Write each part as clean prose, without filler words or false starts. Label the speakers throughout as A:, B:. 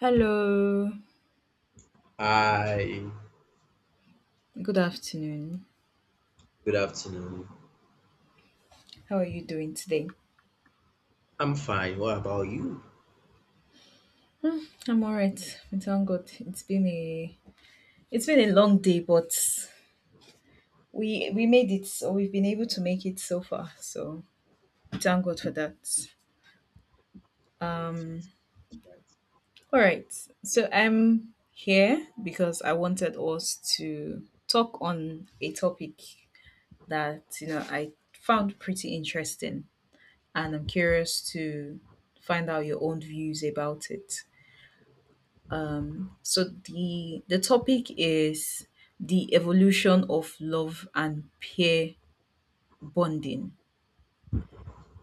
A: Hello,
B: Hi,
A: good afternoon.
B: good afternoon.
A: How are you doing today?
B: I'm fine. What about you?
A: Hmm, I'm alright. We thank God. It's been a long day, but we made it, or we've been able to make it so far. So we thank God for that.
B: Oh, it is. That's right.
A: All right. So I'm here because I wanted us to talk on a topic that you know I found pretty interesting, and I'm curious to find out your own views about it. So the topic is the evolution of love and peer bonding.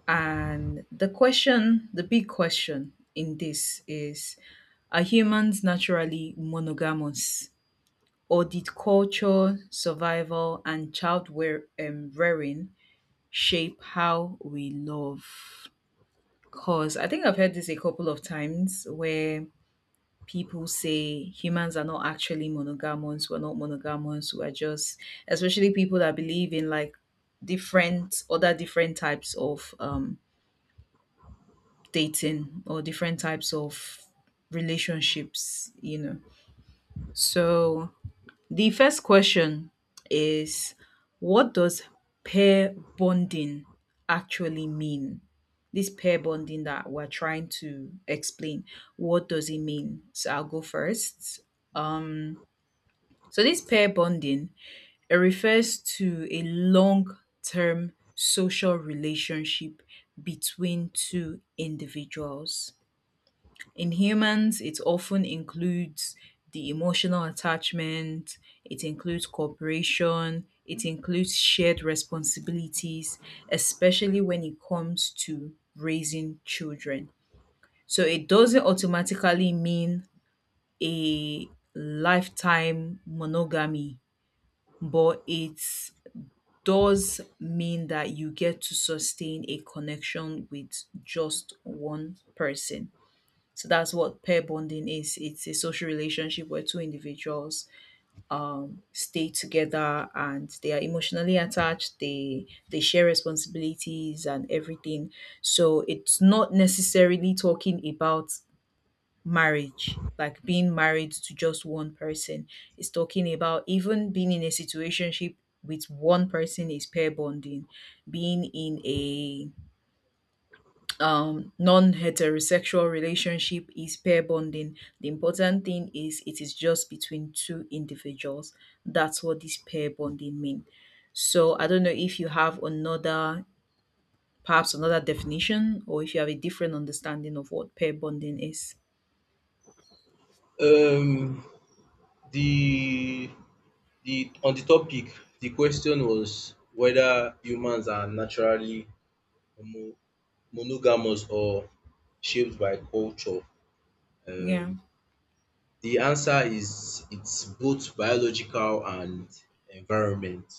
A: And the question, the big question in this is are humans naturally monogamous or did culture, survival and child wear, rearing shape how we love? Cause I think I've heard this a couple of times where people say humans are not actually monogamous. We're not monogamous. We're just, especially people that believe in like different, other different types of dating or different types of relationships, you know. So the first question is, what does pair bonding actually mean? This pair bonding that we're trying to explain, what does it mean? So I'll go first. So this pair bonding, it refers to a long-term social relationship between two individuals. In humans, it often includes the emotional attachment, it includes cooperation, it includes shared responsibilities, especially when it comes to raising children. So it doesn't automatically mean a lifetime monogamy, but it does mean that you get to sustain a connection with just one person. So that's what pair bonding is. It's a social relationship where two individuals stay together and they are emotionally attached. They share responsibilities and everything. So it's not necessarily talking about marriage, like being married to just one person. It's talking about even being in a situationship with one person is pair bonding. Being in a non-heterosexual relationship is pair bonding. The important thing is it is just between two individuals. That's what this pair bonding mean. So I don't know if you have another, perhaps another definition, or if you have a different understanding of what pair bonding is.
B: Um, the the on the topic, the question was whether humans are naturally homo- monogamous or shaped by culture.
A: Yeah.
B: Um, the answer is it's both biological and environment.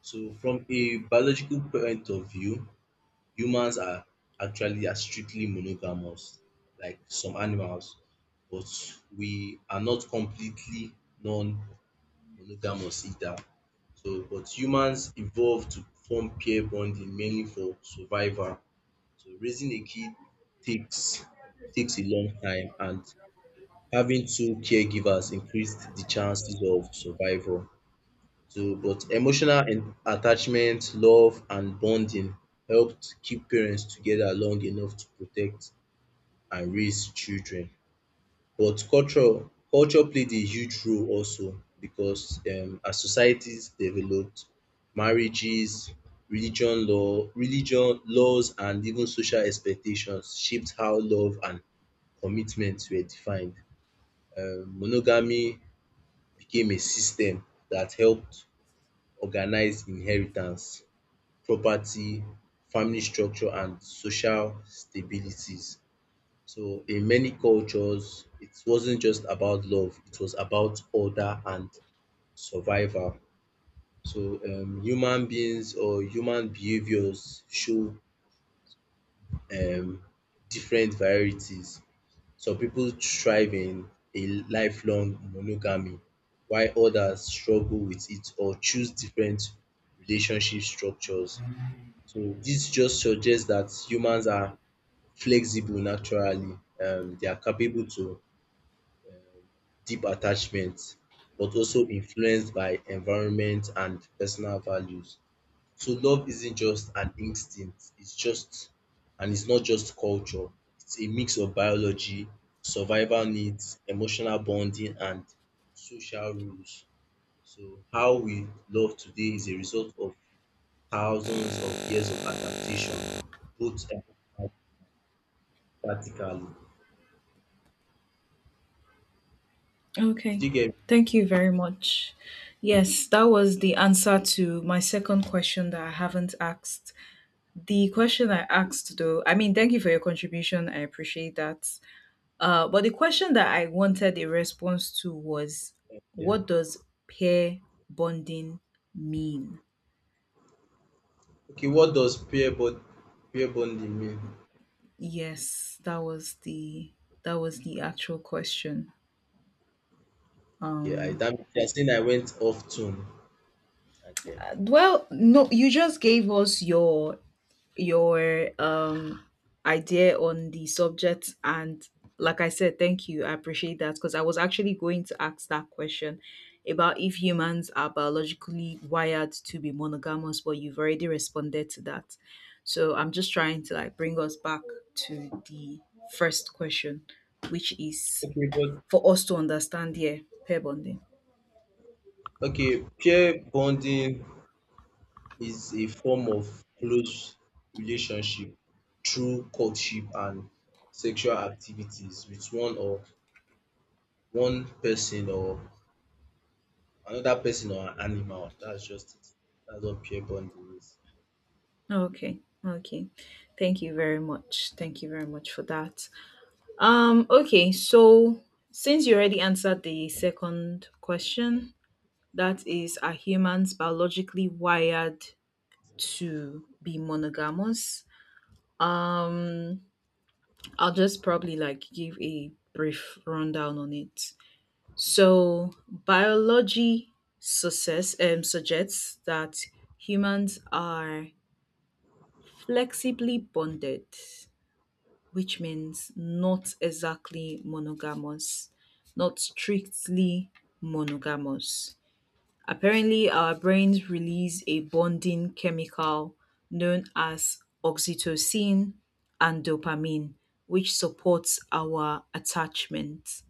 B: So, from a biological point of view, humans are actually are strictly monogamous, like some animals, but we are not completely non-monogamous either. So, but humans evolved to form pair bonding mainly for survival. So, raising a kid takes takes a long time, and having two caregivers increased the chances of survival. So, but attachment, love and bonding helped keep parents together long enough to protect and raise children. But culture played a huge role also because as societies developed, marriages, religion law, religion laws and even social expectations shaped how love and commitment were defined. Monogamy became a system that helped organize inheritance property, family structure and social stabilities. So in many cultures it wasn't just about love, it was about order and survival. So human beings or human behaviours show um different varieties. Some people thrive in a lifelong monogamy while others struggle with it or choose different relationship structures. So this just suggests that humans are flexible naturally. They are capable to deep attachment, but also influenced by environment and personal values. So love isn't just an instinct, it's just and it's not just culture. It's a mix of biology, survival needs, emotional bonding and social rules. So how we love today is a result of thousands of years of adaptation, both practically. Did
A: Okay.
B: you get?
A: Thank you very much. Yes, that was the answer to my second question that I haven't asked. The question I asked, though, I mean, thank you for your contribution. I appreciate that. But the question that I wanted a response to was,
B: Yeah.
A: what does pair bonding mean?
B: Okay, what does peer bonding mean?
A: Yes, that was the actual question.
B: Okay, I
A: Um,
B: that means you're saying I went off tune. Okay.
A: well, no, you just gave us your idea on the subject, and like I said, thank you, I appreciate that, because I was actually going to ask that question about if humans are biologically wired to be monogamous, but you've already responded to that, so I'm just trying to like bring us back to the first question, which is
B: Okay, but
A: for us to understand, yeah, pair bonding.
B: okay, peer bonding is a form of close relationship through courtship and sexual activities with one or one person or another person or an animal. That's just it. That's what peer bonding is.
A: Okay, okay, thank you very much, thank you very much for that. Okay, so since you already answered the second question, that is, are humans biologically wired to be monogamous? Um, I'll just probably like give a brief rundown on it. So, biology success, suggests that humans are flexibly bonded, which means not exactly monogamous, not strictly monogamous. Apparently, our brains release a bonding chemical known as oxytocin and dopamine, which supports our attachment.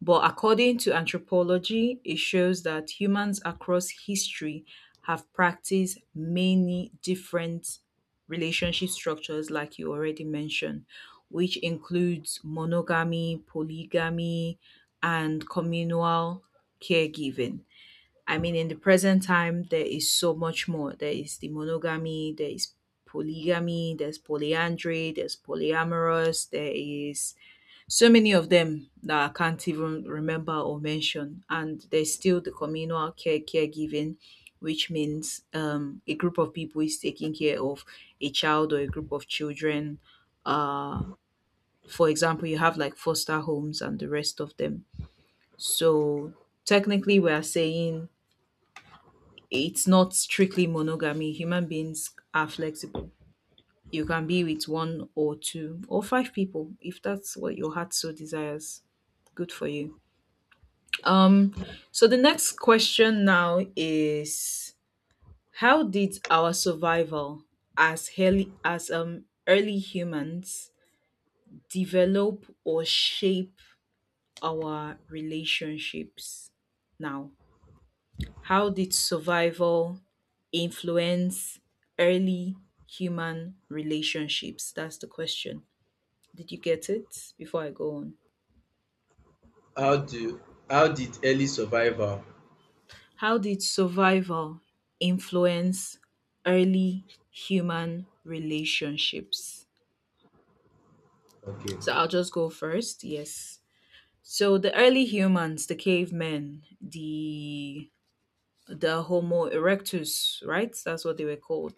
A: But according to anthropology, it shows that humans across history have practiced many different relationship structures, like you already mentioned, which includes monogamy, polygamy, and communal caregiving. I mean, in the present time, there is so much more. There is the monogamy, there is polygamy, there's polyandry, there's polyamorous, there is so many of them that I can't even remember or mention. And there's still the communal caregiving, which means a group of people is taking care of a child or a group of children. Uh, for example, you have like foster homes and the rest of them. So technically, we are saying it's not strictly monogamy. Human beings are flexible. You can be with one or two or five people if that's what your heart so desires. Good for you. Um, so the next question now is, how did our survival as early humans develop or shape our relationships now? How did survival influence early human relationships? That's the question. Did you get it before I go on?
B: How do how did early survival
A: How did survival influence early human relationships?
B: okay.
A: So I'll just go first. Yes. So the early humans, the cavemen, the Homo erectus, right? That's what they were called.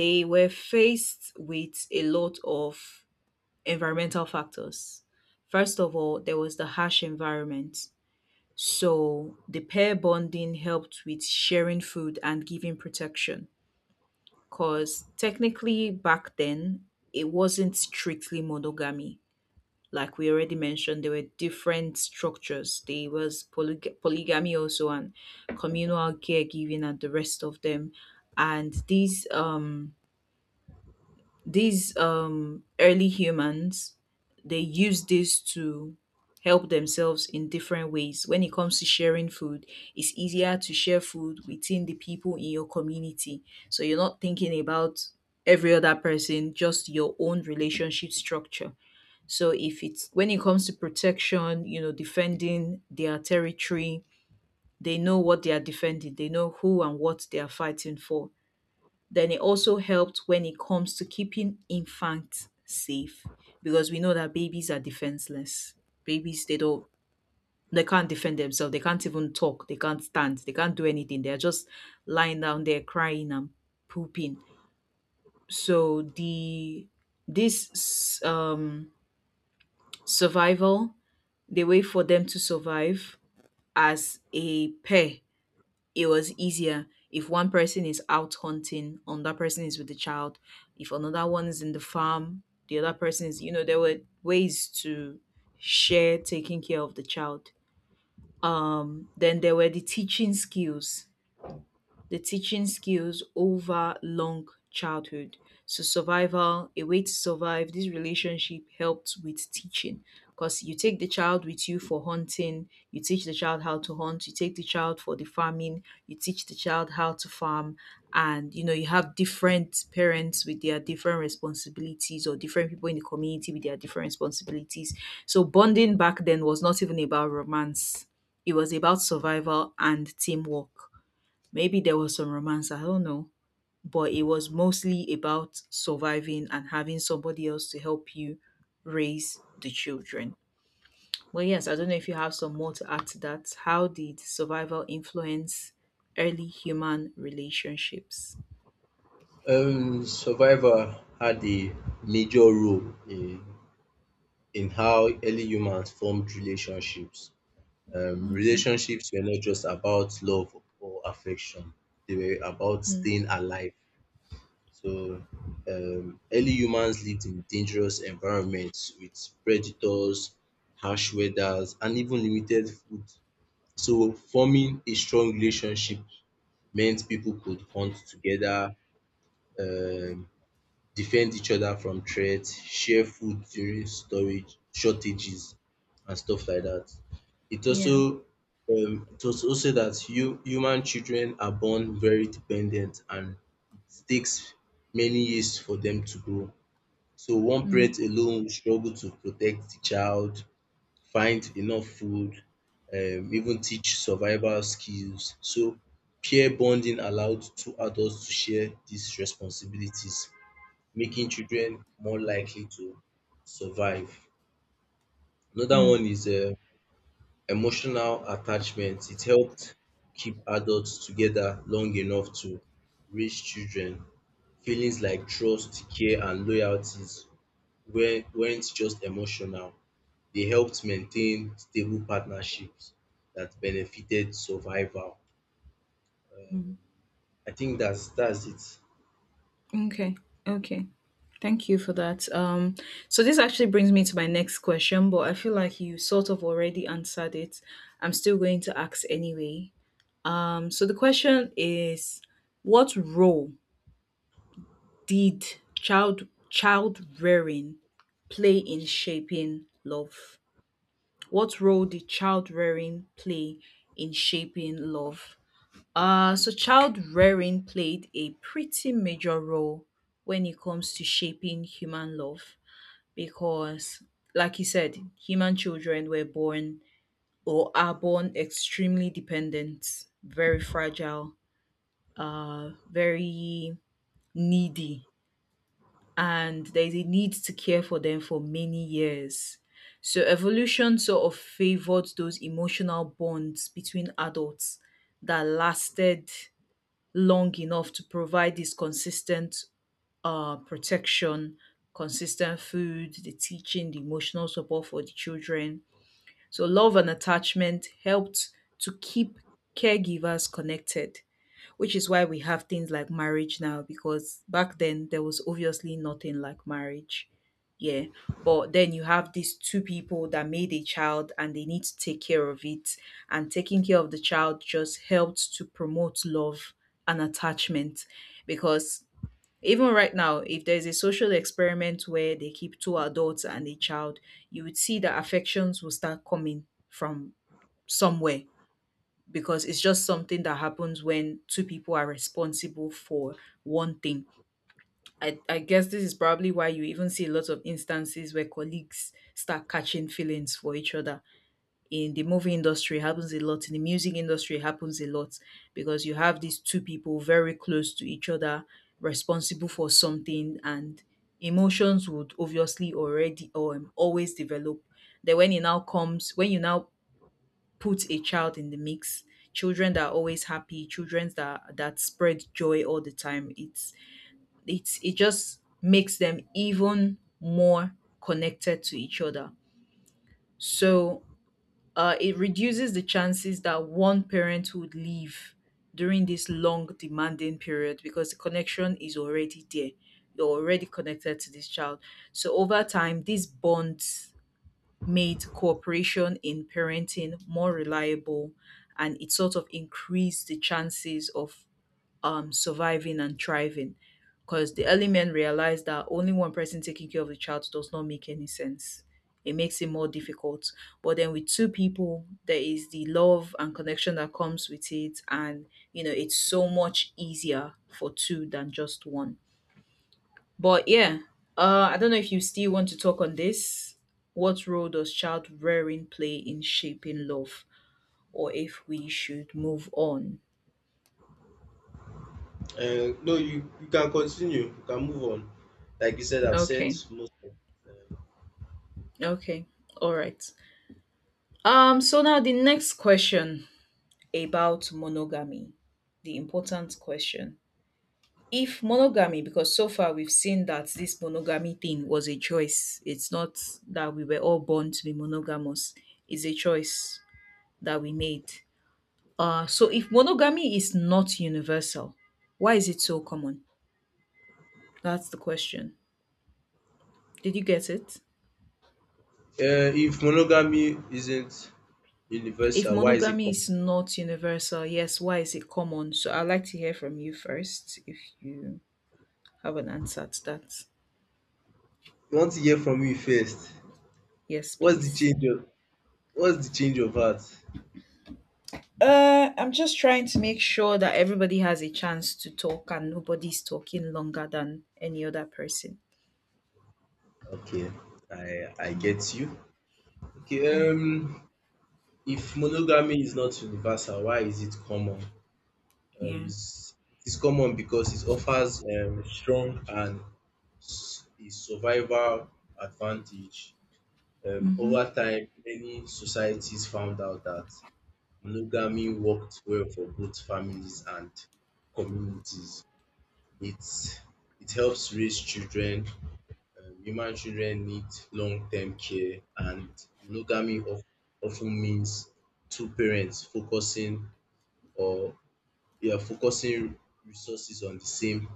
A: They were faced with a lot of environmental factors. First of all, there was the harsh environment. So the pair bonding helped with sharing food and giving protection, 'cause technically back then it wasn't strictly monogamy. Like we already mentioned, there were different structures. There was polygamy also, and communal caregiving and the rest of them. And these these early humans, they use this to help themselves in different ways. When it comes to sharing food, it's easier to share food within the people in your community. So you're not thinking about every other person, just your own relationship structure. So if it's when it comes to protection, you know, defending their territory, they know what they are defending, they know who and what they are fighting for, then it also helped when it comes to keeping infants safe, because we know that babies are defenseless. Babies, they don't, they can't defend themselves. They can't even talk. They can't stand. They can't do anything. They're just lying down there crying and pooping. So the this um survival, the way for them to survive as a pair, it was easier if one person is out hunting, another person is with the child. If another one is in the farm, the other person is, you know, there were ways to share taking care of the child. Then there were the teaching skills over long childhood. So survival, a way to survive, this relationship helped with teaching, because you take the child with you for hunting, you teach the child how to hunt, you take the child for the farming, you teach the child how to farm, and you know, you have different parents with their different responsibilities, or different people in the community with their different responsibilities. So bonding back then was not even about romance. It was about survival and teamwork. Maybe there was some romance, I don't know. But it was mostly about surviving and having somebody else to help you raise the children. Well, yes, I don't know if you have some more to add to that. How did survival influence early human relationships?
B: Survival had a major role in how early humans formed relationships.
A: Okay.
B: Relationships were not just about love or affection; they were about
A: Mm.
B: staying alive. So, early humans lived in dangerous environments with predators, harsh weathers, and even limited food. So, forming a strong relationship meant people could hunt together, um defend each other from threats, share food during storage shortages and stuff like that. It also
A: Yeah.
B: it was also that human children are born very dependent and it takes many years for them to grow. So one
A: Mm.
B: parent alone will struggle to protect the child, find enough food, even teach survival skills. So peer bonding allowed two adults to share these responsibilities making children more likely to survive. Another
A: Mm.
B: one is emotional attachment. It helped keep adults together long enough to raise children. Feelings like trust, care, and loyalties weren't just emotional. They helped maintain stable partnerships that benefited survival.
A: Mm.
B: I think that's it.
A: Okay. Okay. Thank you for that. So this actually brings me to my next question, but I feel like you sort of already answered it. I'm still going to ask anyway. So the question is, what role did child rearing play in shaping love? What role did child rearing play in shaping love? So child rearing played a pretty major role when it comes to shaping human love, because, like you said, human children were born or are born extremely dependent, very fragile, very needy, and there is a need to care for them for many years. So evolution sort of favored those emotional bonds between adults that lasted long enough to provide this consistent protection, consistent food, the teaching, the emotional support for the children. So love and attachment helped to keep caregivers connected, which is why we have things like marriage now, because back then there was obviously nothing like marriage, yeah, but then you have these two people that made a child and they need to take care of it, and taking care of the child just helped to promote love and attachment, because even right now if there's a social experiment where they keep two adults and a child, you would see that affections will start coming from somewhere, because it's just something that happens when two people are responsible for one thing. I guess this is probably why you even see a lot of instances where colleagues start catching feelings for each other. In the movie industry, it happens a lot. In the music industry, it happens a lot, because you have these two people very close to each other, responsible for something, and emotions would obviously already or always develop. Then when it now comes, when you now put a child in the mix, children that are always happy, children that spread joy all the time, it's it just makes them even more connected to each other. So it reduces the chances that one parent would leave during this long demanding period, because the connection is already there, you're already connected to this child. So over time these bonds made cooperation in parenting more reliable, and it sort of increased the chances of surviving and thriving, because the early men realized that only one person taking care of the child does not make any sense. It makes it more difficult. But then with two people, there is the love and connection that comes with it. And, it's so much easier for two than just one. But yeah, I don't know if you still want to talk on this. What role does child rearing play in shaping love, or if we should move on?
B: No, you can continue. You can move on. Like you said, I've said
A: Okay,
B: most.
A: okay, all right. So now the next question about monogamy, the important question. If monogamy, because so far we've seen that this monogamy thing was a choice, it's not that we were all born to be monogamous, it's a choice that we made. So if monogamy is not universal, why is it so common? That's the question. Did you get it?
B: If monogamy isn't
A: If
B: universal, why is it
A: monogamy
B: common?
A: is not universal, yes, why is it common? So I'd like to hear from you first if you have an answer to that.
B: I want to hear from you first.
A: Yes,
B: What's the
A: please.
B: change of What's the change of heart?
A: I'm just trying to make sure that everybody has a chance to talk and nobody's talking longer than any other person.
B: Okay, I
A: Mm,
B: get you. Okay, if monogamy is not universal, why is it common? Um,
A: yeah.
B: it's it's common because it offers strong and a survival advantage.
A: Mm-hmm.
B: Over time, many societies found out that monogamy worked well for both families and communities. It it helps raise children. Human children need long-term care and monogamy of means two parents focusing or yeah focusing resources on the same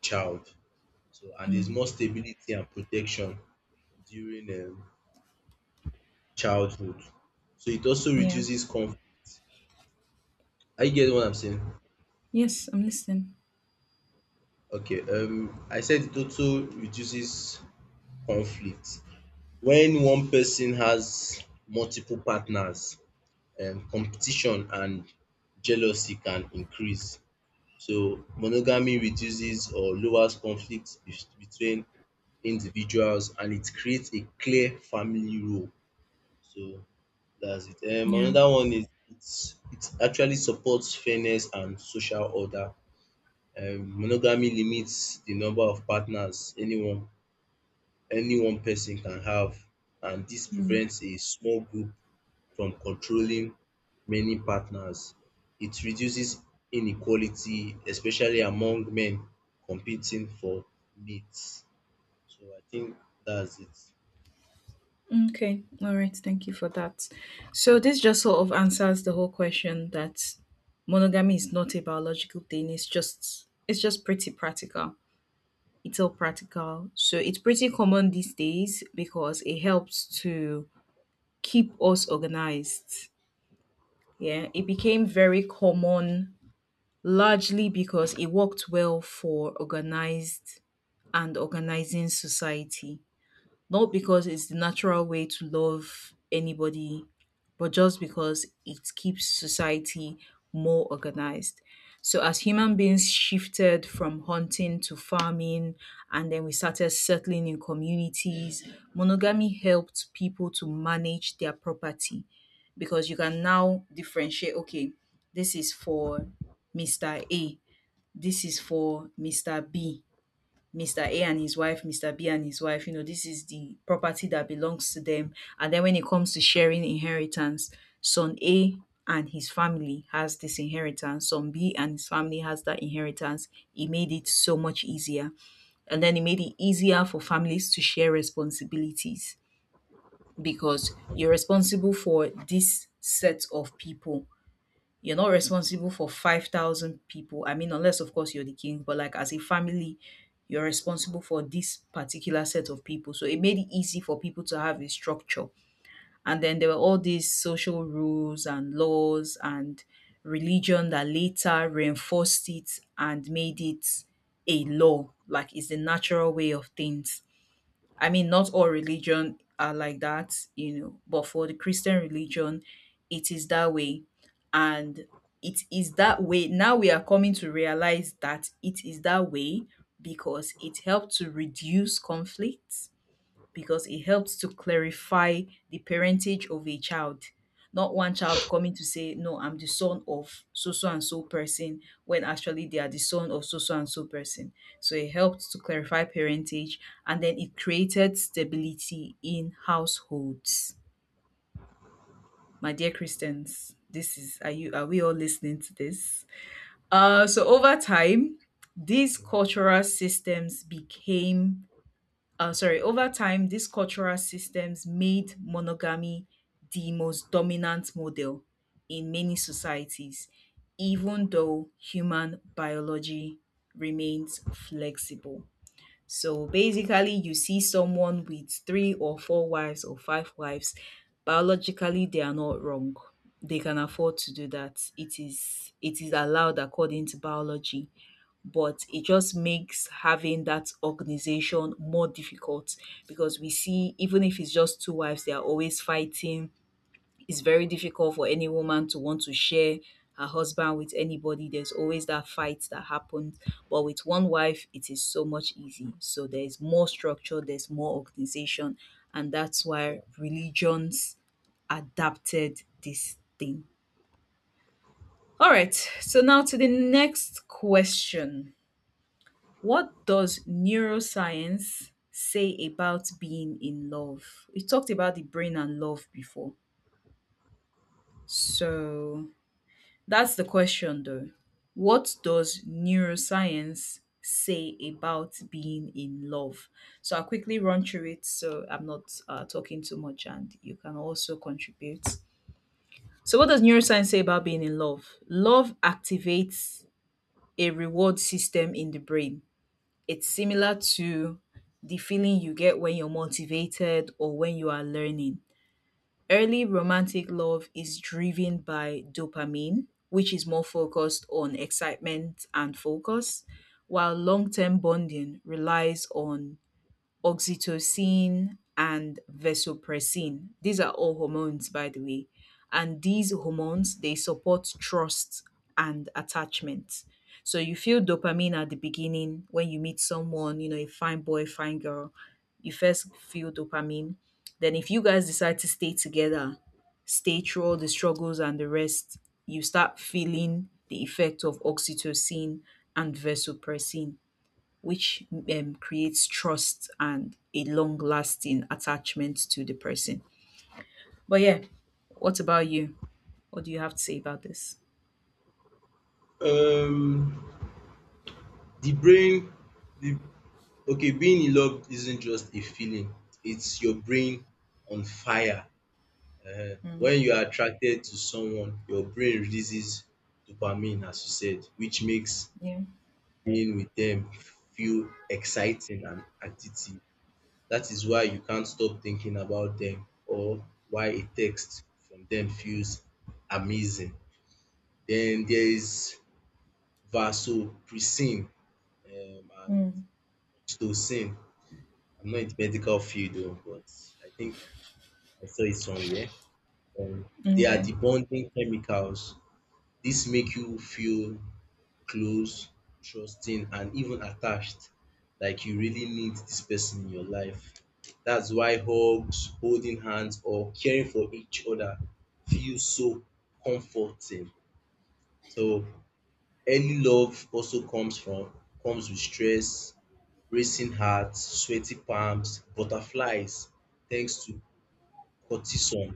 B: child. So and there's
A: Mm,
B: more stability and protection during childhood. So it also
A: yeah.
B: reduces conflict. I get what I'm saying?
A: Yes, I'm listening.
B: Okay, I said it also reduces conflict. When one person has multiple partners, competition and jealousy can increase. So monogamy reduces or lowers conflict between individuals and it creates a clear family role. So that's it.
A: Yeah.
B: Another one is it actually supports fairness and social order. Monogamy limits the number of partners anyone. Any one person can have, and this
A: Mm.
B: prevents a small group from controlling many partners. It reduces inequality, especially among men competing for mates. So I think that's it.
A: Okay. All right. Thank you for that. So this just sort of answers the whole question that monogamy is not a biological thing. It's just pretty practical. It's all practical. So it's pretty common these days because it helps to keep us organized. Yeah. It became very common largely because it worked well for organized and organizing society. Not because it's the natural way to love anybody, but just because it keeps society more organized. So, as human beings shifted from hunting to farming, and then we started settling in communities, monogamy helped people to manage their property, because you can now differentiate, okay, this is for Mr. A, this is for Mr. B, Mr. A and his wife, Mr. B and his wife, you know, this is the property that belongs to them. And then when it comes to sharing inheritance, son A and his family has this inheritance, son B and his family has that inheritance. It made it so much easier. And then it made it easier for families to share responsibilities, because you're responsible for this set of people, you're not responsible for 5,000 people. I mean, unless, of course, you're the king, but like as a family, you're responsible for this particular set of people. So it made it easy for people to have a structure. And then there were all these social rules and laws and religion that later reinforced it and made it a law. Like it's the natural way of things. I mean, not all religion are like that, you know, but for the Christian religion, it is that way. And it is that way. Now we are coming to realize that it is that way because it helped to reduce conflict, because it helps to clarify the parentage of a child. Not one child coming to say, no, I'm the son of so so and so person, when actually they are the son of so so and so person. So it helped to clarify parentage, and then it created stability in households. My dear Christians, this is, are you, are we all listening to this? So over time, these cultural systems became, sorry, over time, these cultural systems made monogamy the most dominant model in many societies, even though human biology remains flexible. So basically, you see someone with three or four wives or five wives, biologically, they are not wrong. They can afford to do that. It is allowed according to biology, but it just makes having that organization more difficult, because we see, even if it's just two wives, they are always fighting. It's very difficult for any woman to want to share her husband with anybody, there's always that fight that happens. But with one wife it is so much easy, so there's more structure, there's more organization, and that's why
B: Yeah.
A: religions adapted this thing. All right, so now to the next question, what does neuroscience say about being in love? We talked about the brain and love before. So that's the question though. What does neuroscience say about being in love? So I'll quickly run through it so I'm not talking too much and you can also contribute. So, what does neuroscience say about being in love? Love activates a reward system in the brain. It's similar to the feeling you get when you're motivated or when you are learning. Early romantic love is driven by dopamine, which is more focused on excitement and focus, while long term bonding relies on oxytocin and vasopressin. These are all hormones, by the way. And these hormones, they support trust and attachment. So you feel dopamine at the beginning when you meet someone, you know, a fine boy, fine girl. You first feel dopamine. Then if you guys decide to stay together, stay through all the struggles and the rest, you start feeling the effect of oxytocin and vasopressin, which creates trust and a long lasting attachment to the person. But yeah, what about you? What do you have to say about this?
B: Um, the brain, the okay, being in love isn't just a feeling. It's your brain on fire. Um,
A: Mm,
B: when you are attracted to someone, your brain releases dopamine, as you said, which makes
A: yeah.
B: being with them feel exciting and addictive. That is why you can't stop thinking about them or why a text from them feels amazing. Then there is vasopressin and
A: Mm,
B: oxytocin. I'm not in the medical field oo but I think I saw it somewhere. Um they are
A: okay.
B: the bonding chemicals. This make you feel close, trusting and even attached, like you really need this person in your life. That's why hugs, holding hands or caring for each other feel so comforting. So early love also comes with stress, racing hearts, sweaty palms, butterflies thanks to cortisol,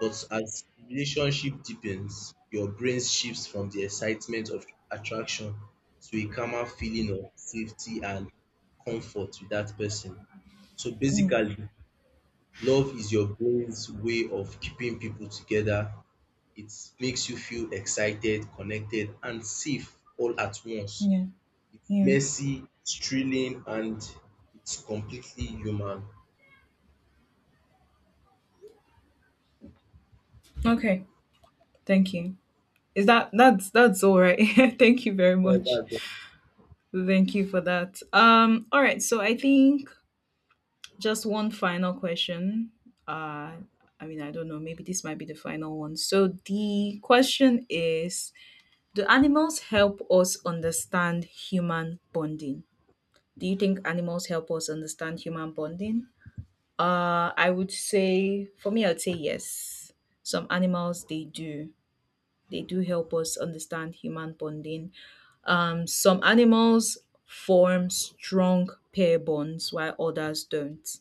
B: but as relationship deepens, your brain shifts from the excitement of attraction to a calmer feeling of safety and comfort with that person. So basically, love is your brain's way of keeping people together. It makes you feel excited, connected, and safe all at once.
A: Yeah.
B: It's
A: Yeah.
B: messy, it's thrilling, and it's completely human.
A: Okay. Thank you. Is that, that's all right? Thank you very
B: Yeah,
A: much.
B: that's the-
A: Thank you for that. All right. So I think just one final question. Uh. I mean, I don't know. Maybe this might be the final one. So the question is, do animals help us understand human bonding? Do you think animals help us understand human bonding? I would say, for me, I would say yes. Some animals, they do. They do help us understand human bonding. Some animals form strong pair bonds while others don't,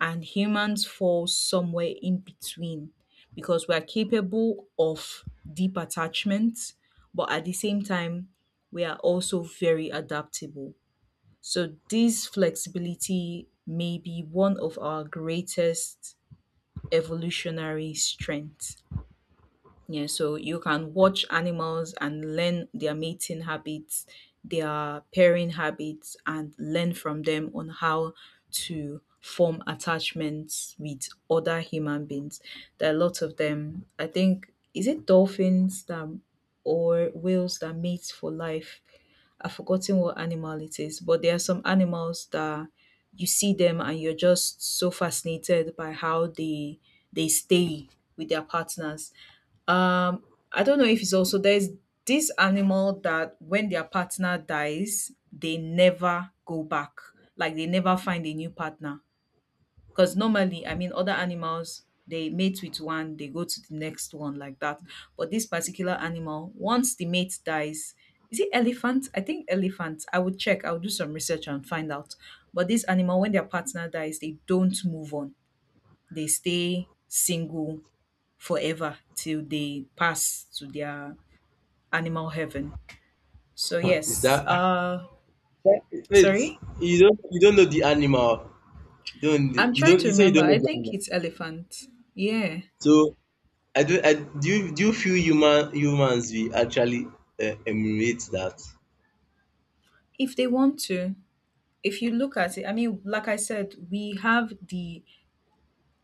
A: and humans fall somewhere in between because we are capable of deep attachment, but at the same time, we are also very adaptable. So, this flexibility may be one of our greatest evolutionary strengths. Yeah, so you can watch animals and learn their mating habits, their pairing habits, and learn from them on how to form attachments with other human beings. There are lots of them. I think is it dolphins that or whales that mate for life. I've forgotten what animal it is, but there are some animals that you see them and you're just so fascinated by how they stay with their partners. um, I don't know if it's also, there's this animal that when their partner dies, they never go back. Like they never find a new partner. Because normally, I mean, other animals they mate with one, they go to the next one like that. But this particular animal, once the mate dies, is it elephant? I think elephant. I would check. I'll do some research and find out. But this animal, when their partner dies, they don't move on. They stay single forever till they pass to their animal heaven. So
B: Is
A: yes,
B: that wait,
A: sorry.
B: you don't know the animal.
A: I'm trying to
B: You say you
A: remember.
B: don't
A: I
B: know the
A: think
B: animal.
A: it's elephant. Yeah.
B: So I do you feel humans we actually emulate that?
A: If they want to. If you look at it, I mean, like I said, we have the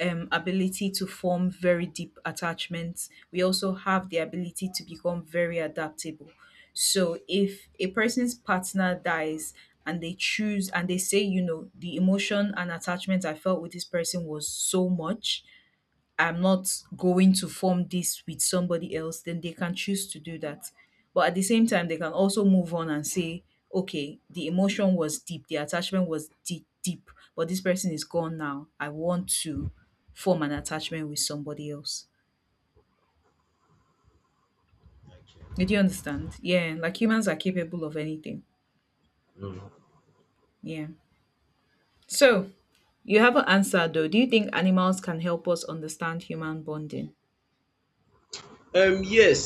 A: ability to form very deep attachments. We also have the ability to become very adaptable. So, if a person's partner dies and they choose and they say, you know, the emotion and attachment I felt with this person was so much, I'm not going to form this with somebody else, then they can choose to do that. But at the same time, they can also move on and say, okay, the emotion was deep, the attachment was deep, deep, but this person is gone now. I want to form an attachment with somebody else. Did you understand? Yeah, like humans are capable of anything.
B: Mm.
A: Yeah. So you have an answer though. Do you think animals can help us understand human bonding?
B: Yes,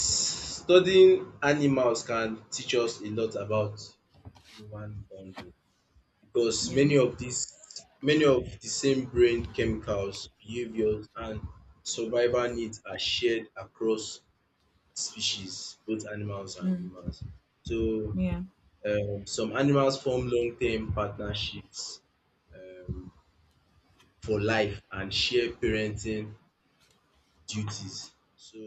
B: studying animals can teach us a lot about human bonding because
A: Yeah.
B: many of the same brain chemicals, behaviors, and survival needs are shared across species, both animals and humans. So
A: Yeah.
B: um, some animals form long-term partnerships um, for life and share parenting duties. So,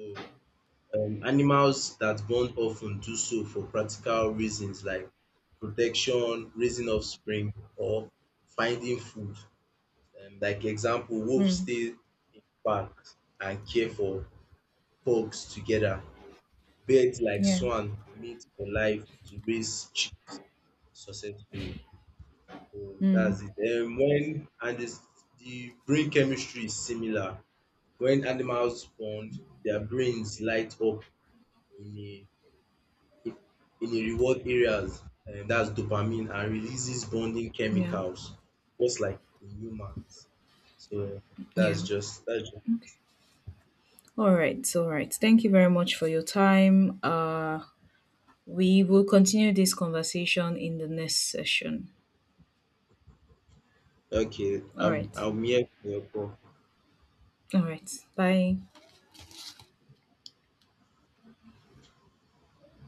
B: animals that bond often do so for practical reasons like protection, raising offspring, or finding food. Like example, wolves
A: Mm.
B: stay in packs and care for pugs together. Birds like
A: Yeah.
B: swan mate for life to raise chicks successfully. That's
A: Mm.
B: it. The brain chemistry is similar. When animals bond, their brains light up in a in a reward areas, and that's dopamine and releases bonding
A: Yeah.
B: chemicals, just like in humans. So
A: Yeah.
B: that's just,
A: All right, all right. Thank you very much for your time. We will continue this conversation in the next session.
B: okay.
A: All right,
B: I'm here for your call.
A: all right. Bye.